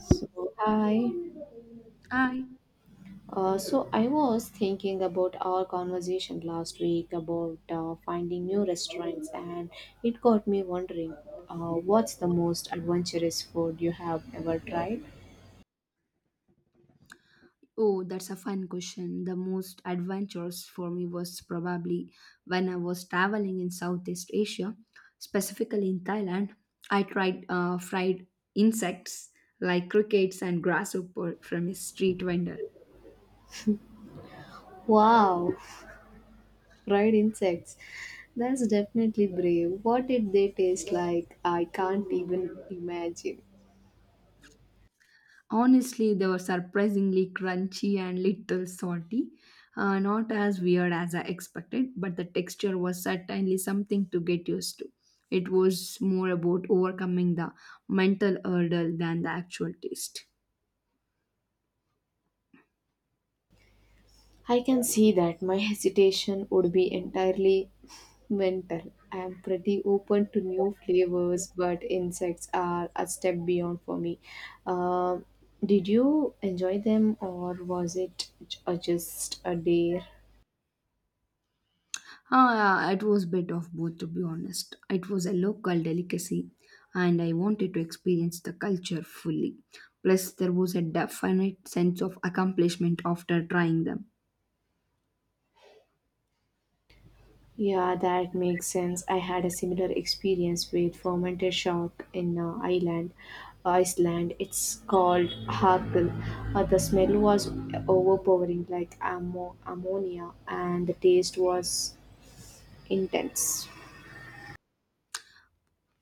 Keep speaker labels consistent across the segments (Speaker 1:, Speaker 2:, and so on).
Speaker 1: So, hi.
Speaker 2: I...
Speaker 1: I was thinking about our conversation last week about finding new restaurants, and it got me wondering, what's the most adventurous food you have ever tried?
Speaker 2: Oh, that's a fun question. The most adventurous for me was probably when I was traveling in Southeast Asia, specifically in Thailand. I tried fried insects like crickets and grasshopper from a street vendor.
Speaker 1: Wow, fried insects. That's definitely brave. What did they taste like? I can't even imagine.
Speaker 2: Honestly, they were surprisingly crunchy and little salty. Not as weird as I expected, but the texture was certainly something to get used to. It was more about overcoming the mental hurdle than the actual taste.
Speaker 1: I can see that my hesitation would be entirely mental. I am pretty open to new flavors, but insects are a step beyond for me. Um did you enjoy them, or was it just a dare?
Speaker 2: Ah, yeah, it was bit of both, to be honest. It was a local delicacy, and I wanted to experience the culture fully. Plus, there was a definite sense of accomplishment after trying them.
Speaker 1: Yeah, that makes sense. I had a similar experience with fermented shark in Iceland. It's called harkel. The smell was overpowering, like ammonia, and the taste was intense.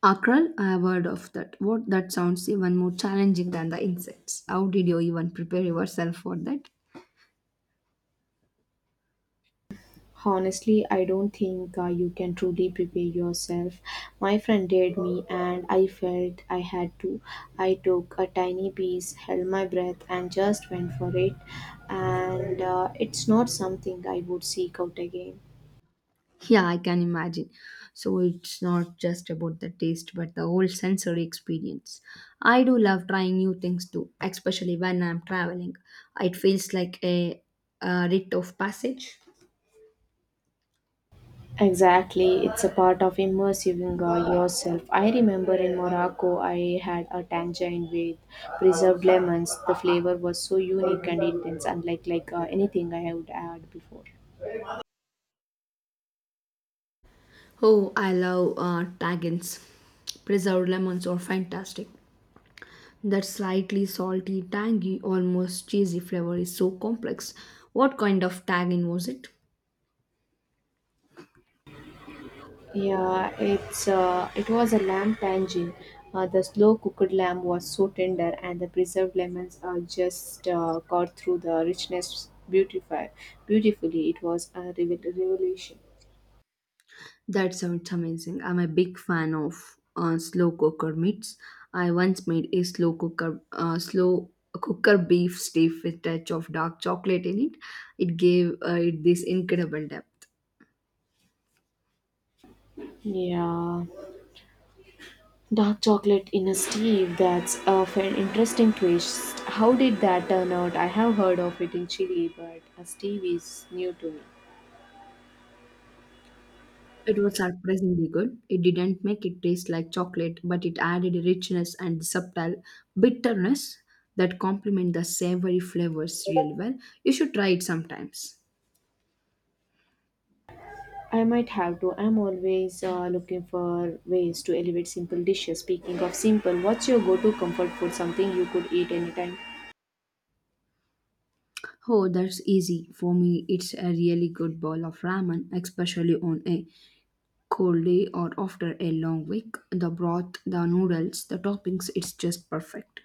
Speaker 2: Akral, I have heard of that. What that sounds even more challenging than the insects. How did you even prepare yourself for that?
Speaker 1: Honestly, I don't think you can truly prepare yourself. My friend did me, and I felt I had to. I took a tiny piece, held my breath, and just went for it. And it's not something I would seek out again.
Speaker 2: Yeah, I can imagine. So it's not just about the taste, but the whole sensory experience. I do love trying new things too, especially when I'm traveling. It feels like a rite of passage.
Speaker 1: Exactly, it's a part of immersing yourself. I remember in Morocco, I had a tangerine with preserved lemons. The flavor was so unique and intense, unlike anything I had had before.
Speaker 2: Oh, I love tagines. Preserved lemons are fantastic. That slightly salty, tangy, almost cheesy flavor is so complex. What kind of tagine was it?
Speaker 1: Yeah, it was a lamb tangine. The slow cooked lamb was so tender, and the preserved lemons just cut through the richness beautify beautifully. It was a revelation.
Speaker 2: That sounds amazing. I'm a big fan of slow cooker meats. I once made a slow cooker beef steak with touch of dark chocolate in it. It gave it this incredible depth.
Speaker 1: Yeah, dark chocolate in a stew. That's an interesting twist. How did that turn out? I have heard of it in Chile, but a stew is new to me.
Speaker 2: It was surprisingly good. It didn't make it taste like chocolate, but it added a richness and subtle bitterness that complement the savory flavors really well. You should try it sometimes.
Speaker 1: I might have to. I'm always looking for ways to elevate simple dishes. Speaking of simple, what's your go to comfort food? Something you could eat anytime?
Speaker 2: Oh, that's easy. For me, it's a really good bowl of ramen, especially on a cold day or after a long week. The broth, the noodles, the toppings, it's just perfect.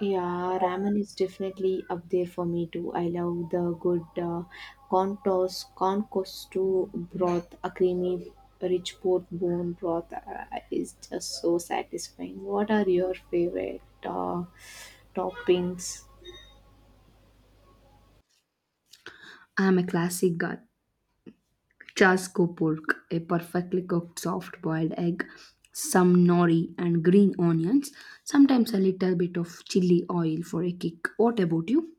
Speaker 1: Yeah, ramen is definitely up there for me too. I love the good corn costu broth, a creamy, rich pork bone broth is just so satisfying. What are your favorite toppings?
Speaker 2: I'm a classic guy. Chaskopurk, a perfectly cooked soft boiled egg, some nori and green onions, sometimes a little bit of chili oil for a kick. What about you?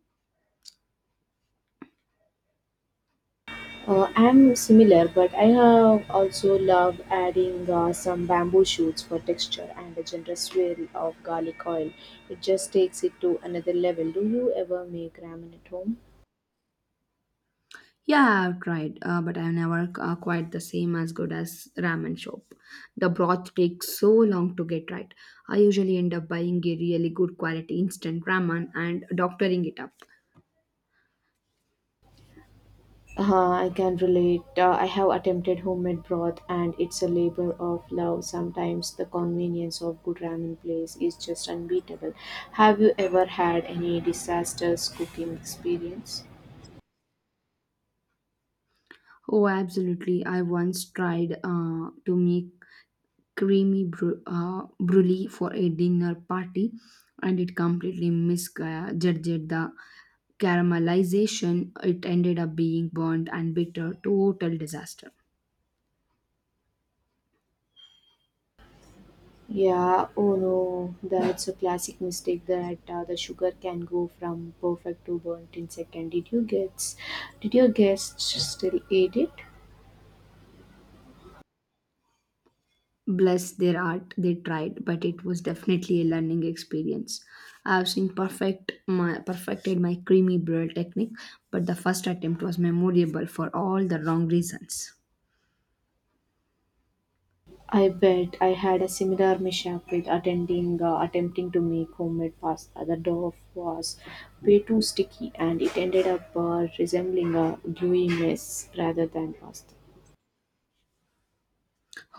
Speaker 1: I'm similar, but I have also loved adding some bamboo shoots for texture and a generous swirl of garlic oil. It just takes it to another level. Do you ever make ramen at home?
Speaker 2: Yeah, I've tried, but I've never quite the same as good as ramen shop. The broth takes so long to get right. I usually end up buying a really good quality instant ramen and doctoring it up.
Speaker 1: I can relate. I have attempted homemade broth, and it's a labor of love. Sometimes the convenience of good ramen place is just unbeatable. Have you ever had any disastrous cooking experience?
Speaker 2: Oh, absolutely. I once tried to make brulee for a dinner party, and it completely misjudged the caramelization. It ended up being burnt and bitter, total disaster.
Speaker 1: Yeah, oh no, that's a classic mistake that the sugar can go from perfect to burnt in second. Did you guess? Did your guests still eat it?
Speaker 2: Bless their art, they tried, but it was definitely a learning experience. I have seen perfected my creamy brulee technique, but the first attempt was memorable for all the wrong reasons.
Speaker 1: I bet I had a similar mishap with attending attempting to make homemade pasta. The dough was way too sticky, and it ended up resembling a gooey mess rather than pasta.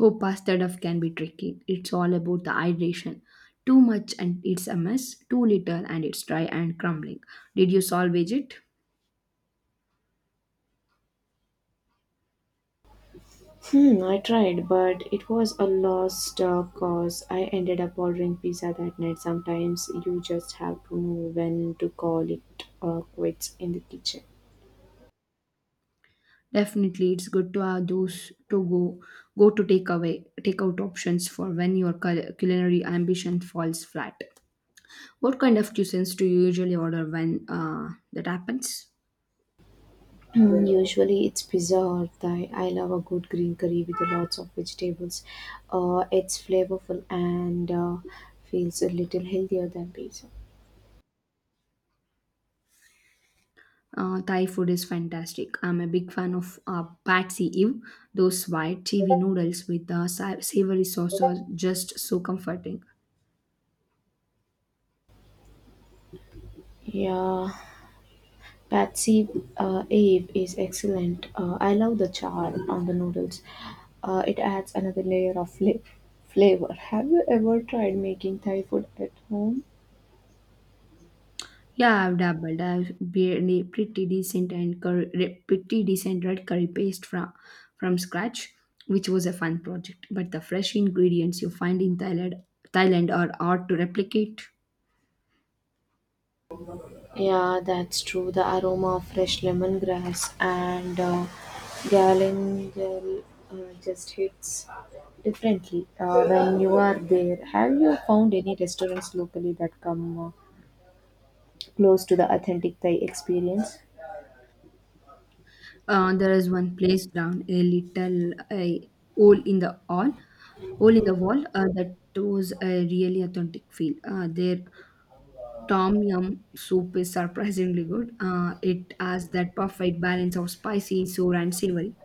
Speaker 2: Oh, pasta duff can be tricky. It's all about the hydration. Too much and it's a mess, too little and it's dry and crumbling. Did you salvage it?
Speaker 1: Hmm, I tried, but it was a lost cause. I ended up ordering pizza that night. Sometimes you just have to know when to call it quits in the kitchen.
Speaker 2: Definitely, it's good to have those to go go to take away take out options for when your culinary ambition falls flat. What kind of cuisines do you usually order when that happens?
Speaker 1: Hmm, usually it's pizza or Thai. I love a good green curry with lots of vegetables. It's flavorful and feels a little healthier than pizza.
Speaker 2: Thai food is fantastic. I'm a big fan of Pad See Ew. Those white TV noodles with the savory sauce are just so comforting.
Speaker 1: Yeah, Patsy Abe is excellent. I love the char on the noodles. It adds another layer of flavor. Have you ever tried making Thai food at home?
Speaker 2: Yeah, I've dabbled. I've barely pretty decent and curry, pretty decent red curry paste from scratch, which was a fun project. But the fresh ingredients you find in Thailand are hard to replicate.
Speaker 1: Yeah, that's true. The aroma of fresh lemongrass and galangal uh, just hits differently when you are there. Have you found any restaurants locally that come close to the authentic Thai experience?
Speaker 2: There is one place down a little a hole in the wall, that was a really authentic feel. Their tom yum soup is surprisingly good. It has that perfect balance of spicy, sour, and savory.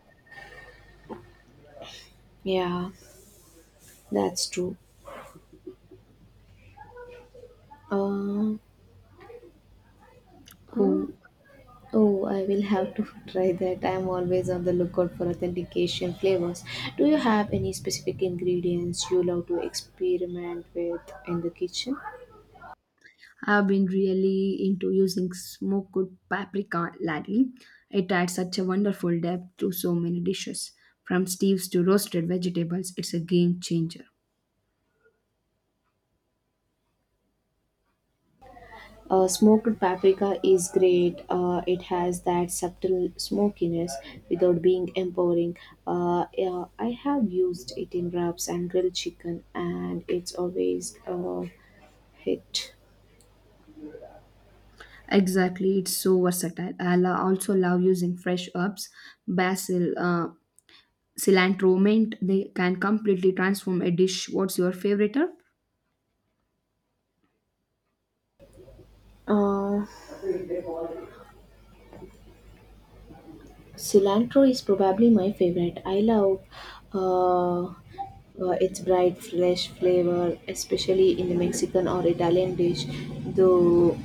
Speaker 1: Yeah, that's true. Uh,
Speaker 2: Oh,
Speaker 1: Um, oh, I will have to try that. I am always on the lookout for authentic Asian flavors. Do you have any specific ingredients you love to experiment with in the kitchen?
Speaker 2: I've been really into using smoked paprika lately. It adds such a wonderful depth to so many dishes, from stews to roasted vegetables. It's a game changer.
Speaker 1: Smoked paprika is great. It has that subtle smokiness without being empowering. Yeah, I have used it in wraps and grilled chicken, and it's always a hit.
Speaker 2: Exactly, it's so versatile. Also love using fresh herbs, basil, cilantro, mint. They can completely transform a dish. What's your favorite herb?
Speaker 1: Uh, Cilantro is probably my favorite. I love uh, uh, its bright, fresh flavor, especially in the Mexican or Italian dish, though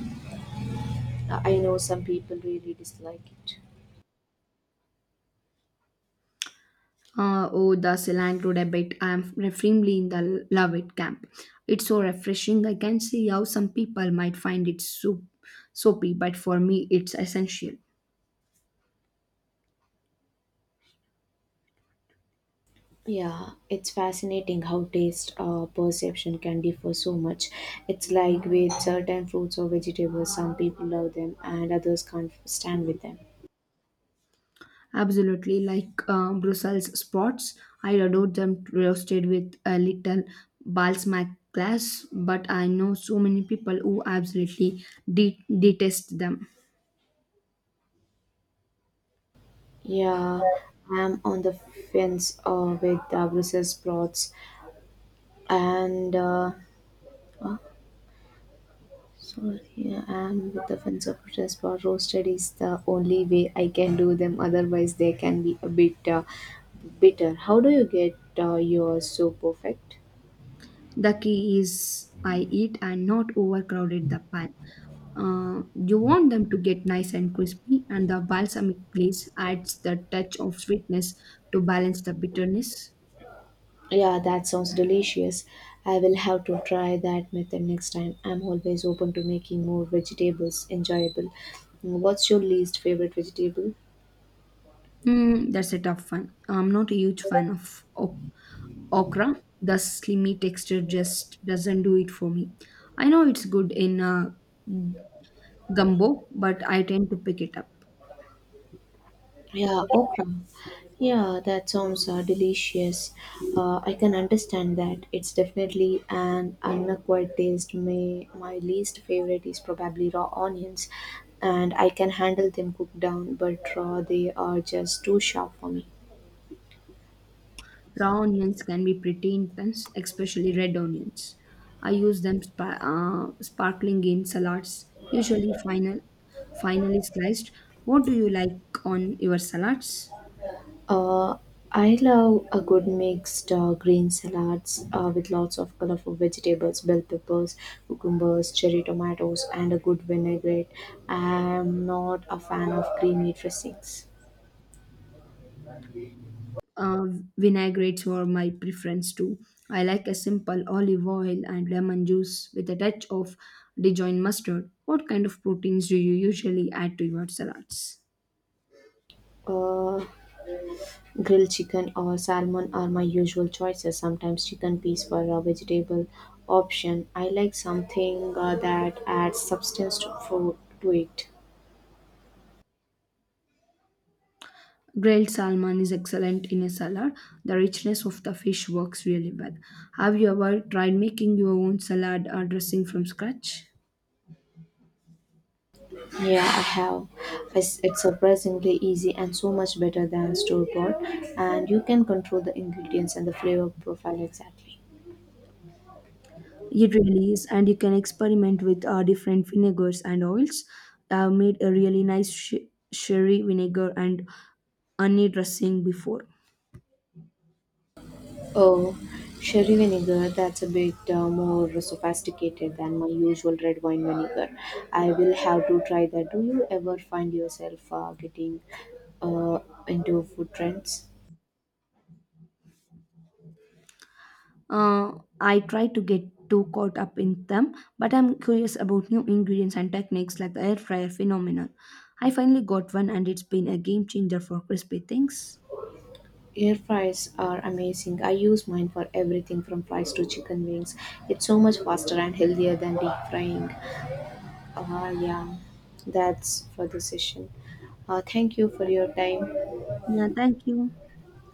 Speaker 1: I know some people really dislike it.
Speaker 2: Oh, the cilantro debate. I am firmly in the love it camp. It's so refreshing. I can see how some people might find it soapy, but for me, it's essential.
Speaker 1: Yeah, it's fascinating how taste perception can differ so much. It's like with certain fruits or vegetables, some people love them and others can't stand with them.
Speaker 2: Absolutely, like Brussels spots, I adore them roasted with a little balsamic glass, but I know so many people who absolutely detest them.
Speaker 1: Yeah, I'm on the fence with Brussels sprouts and uh, Sorry, I'm with the fence of protest, but roasted is the only way I can do them. Otherwise, they can be a bit bitter. How do you get yours so perfect?
Speaker 2: The key is I eat and not overcrowded the pan. You want them to get nice and crispy, and the balsamic glaze adds the touch of sweetness to balance the bitterness.
Speaker 1: Yeah, that sounds delicious. I will have to try that method next time. I'm always open to making more vegetables enjoyable. What's your least favorite vegetable?
Speaker 2: Hmm, that's a tough one. I'm not a huge fan of okra. The slimy texture just doesn't do it for me. I know it's good in gumbo, but I tend to pick it up.
Speaker 1: Yeah, okra. Yeah, that sounds delicious. I can understand that. It's definitely an unacquired taste. My least favorite is probably raw onions, and I can handle them cooked down, but raw they are just too sharp for me.
Speaker 2: Raw onions can be pretty intense, especially red onions. I use them sparkling in salads, finely sliced. What do you like on your salads?
Speaker 1: Uh, I love a good mixed green salads with lots of colorful vegetables, bell peppers, cucumbers, cherry tomatoes, and a good vinaigrette. I am not a fan of creamy dressings.
Speaker 2: Uh, vinaigrettes were my preference too. I like a simple olive oil and lemon juice with a touch of Dijon mustard. What kind of proteins do you usually add to your salads?
Speaker 1: Uh, Grilled chicken or salmon are my usual choices. Sometimes chicken piece for a vegetable option. I like something that adds substance to it.
Speaker 2: Grilled salmon is excellent in a salad. The richness of the fish works really well. Have you ever tried making your own salad or dressing from scratch?
Speaker 1: Yeah, I have. It's surprisingly easy and so much better than store bought, and you can control the ingredients and the flavor profile exactly.
Speaker 2: It really is, and you can experiment with different vinegars and oils. I've made a really nice sherry vinegar and onion dressing before.
Speaker 1: Oh, sherry vinegar, that's a bit more sophisticated than my usual red wine vinegar. I will have to try that. Do you ever find yourself getting uh, into food trends?
Speaker 2: Uh, I try to get too caught up in them, but I'm curious about new ingredients and techniques like the air fryer phenomenon. I finally got one, and it's been a game changer for crispy things.
Speaker 1: Air fries are amazing. I use mine for everything from fries to chicken wings. It's so much faster and healthier than deep frying. Yeah, that's for the session. Thank you for your time.
Speaker 2: Yeah, thank you.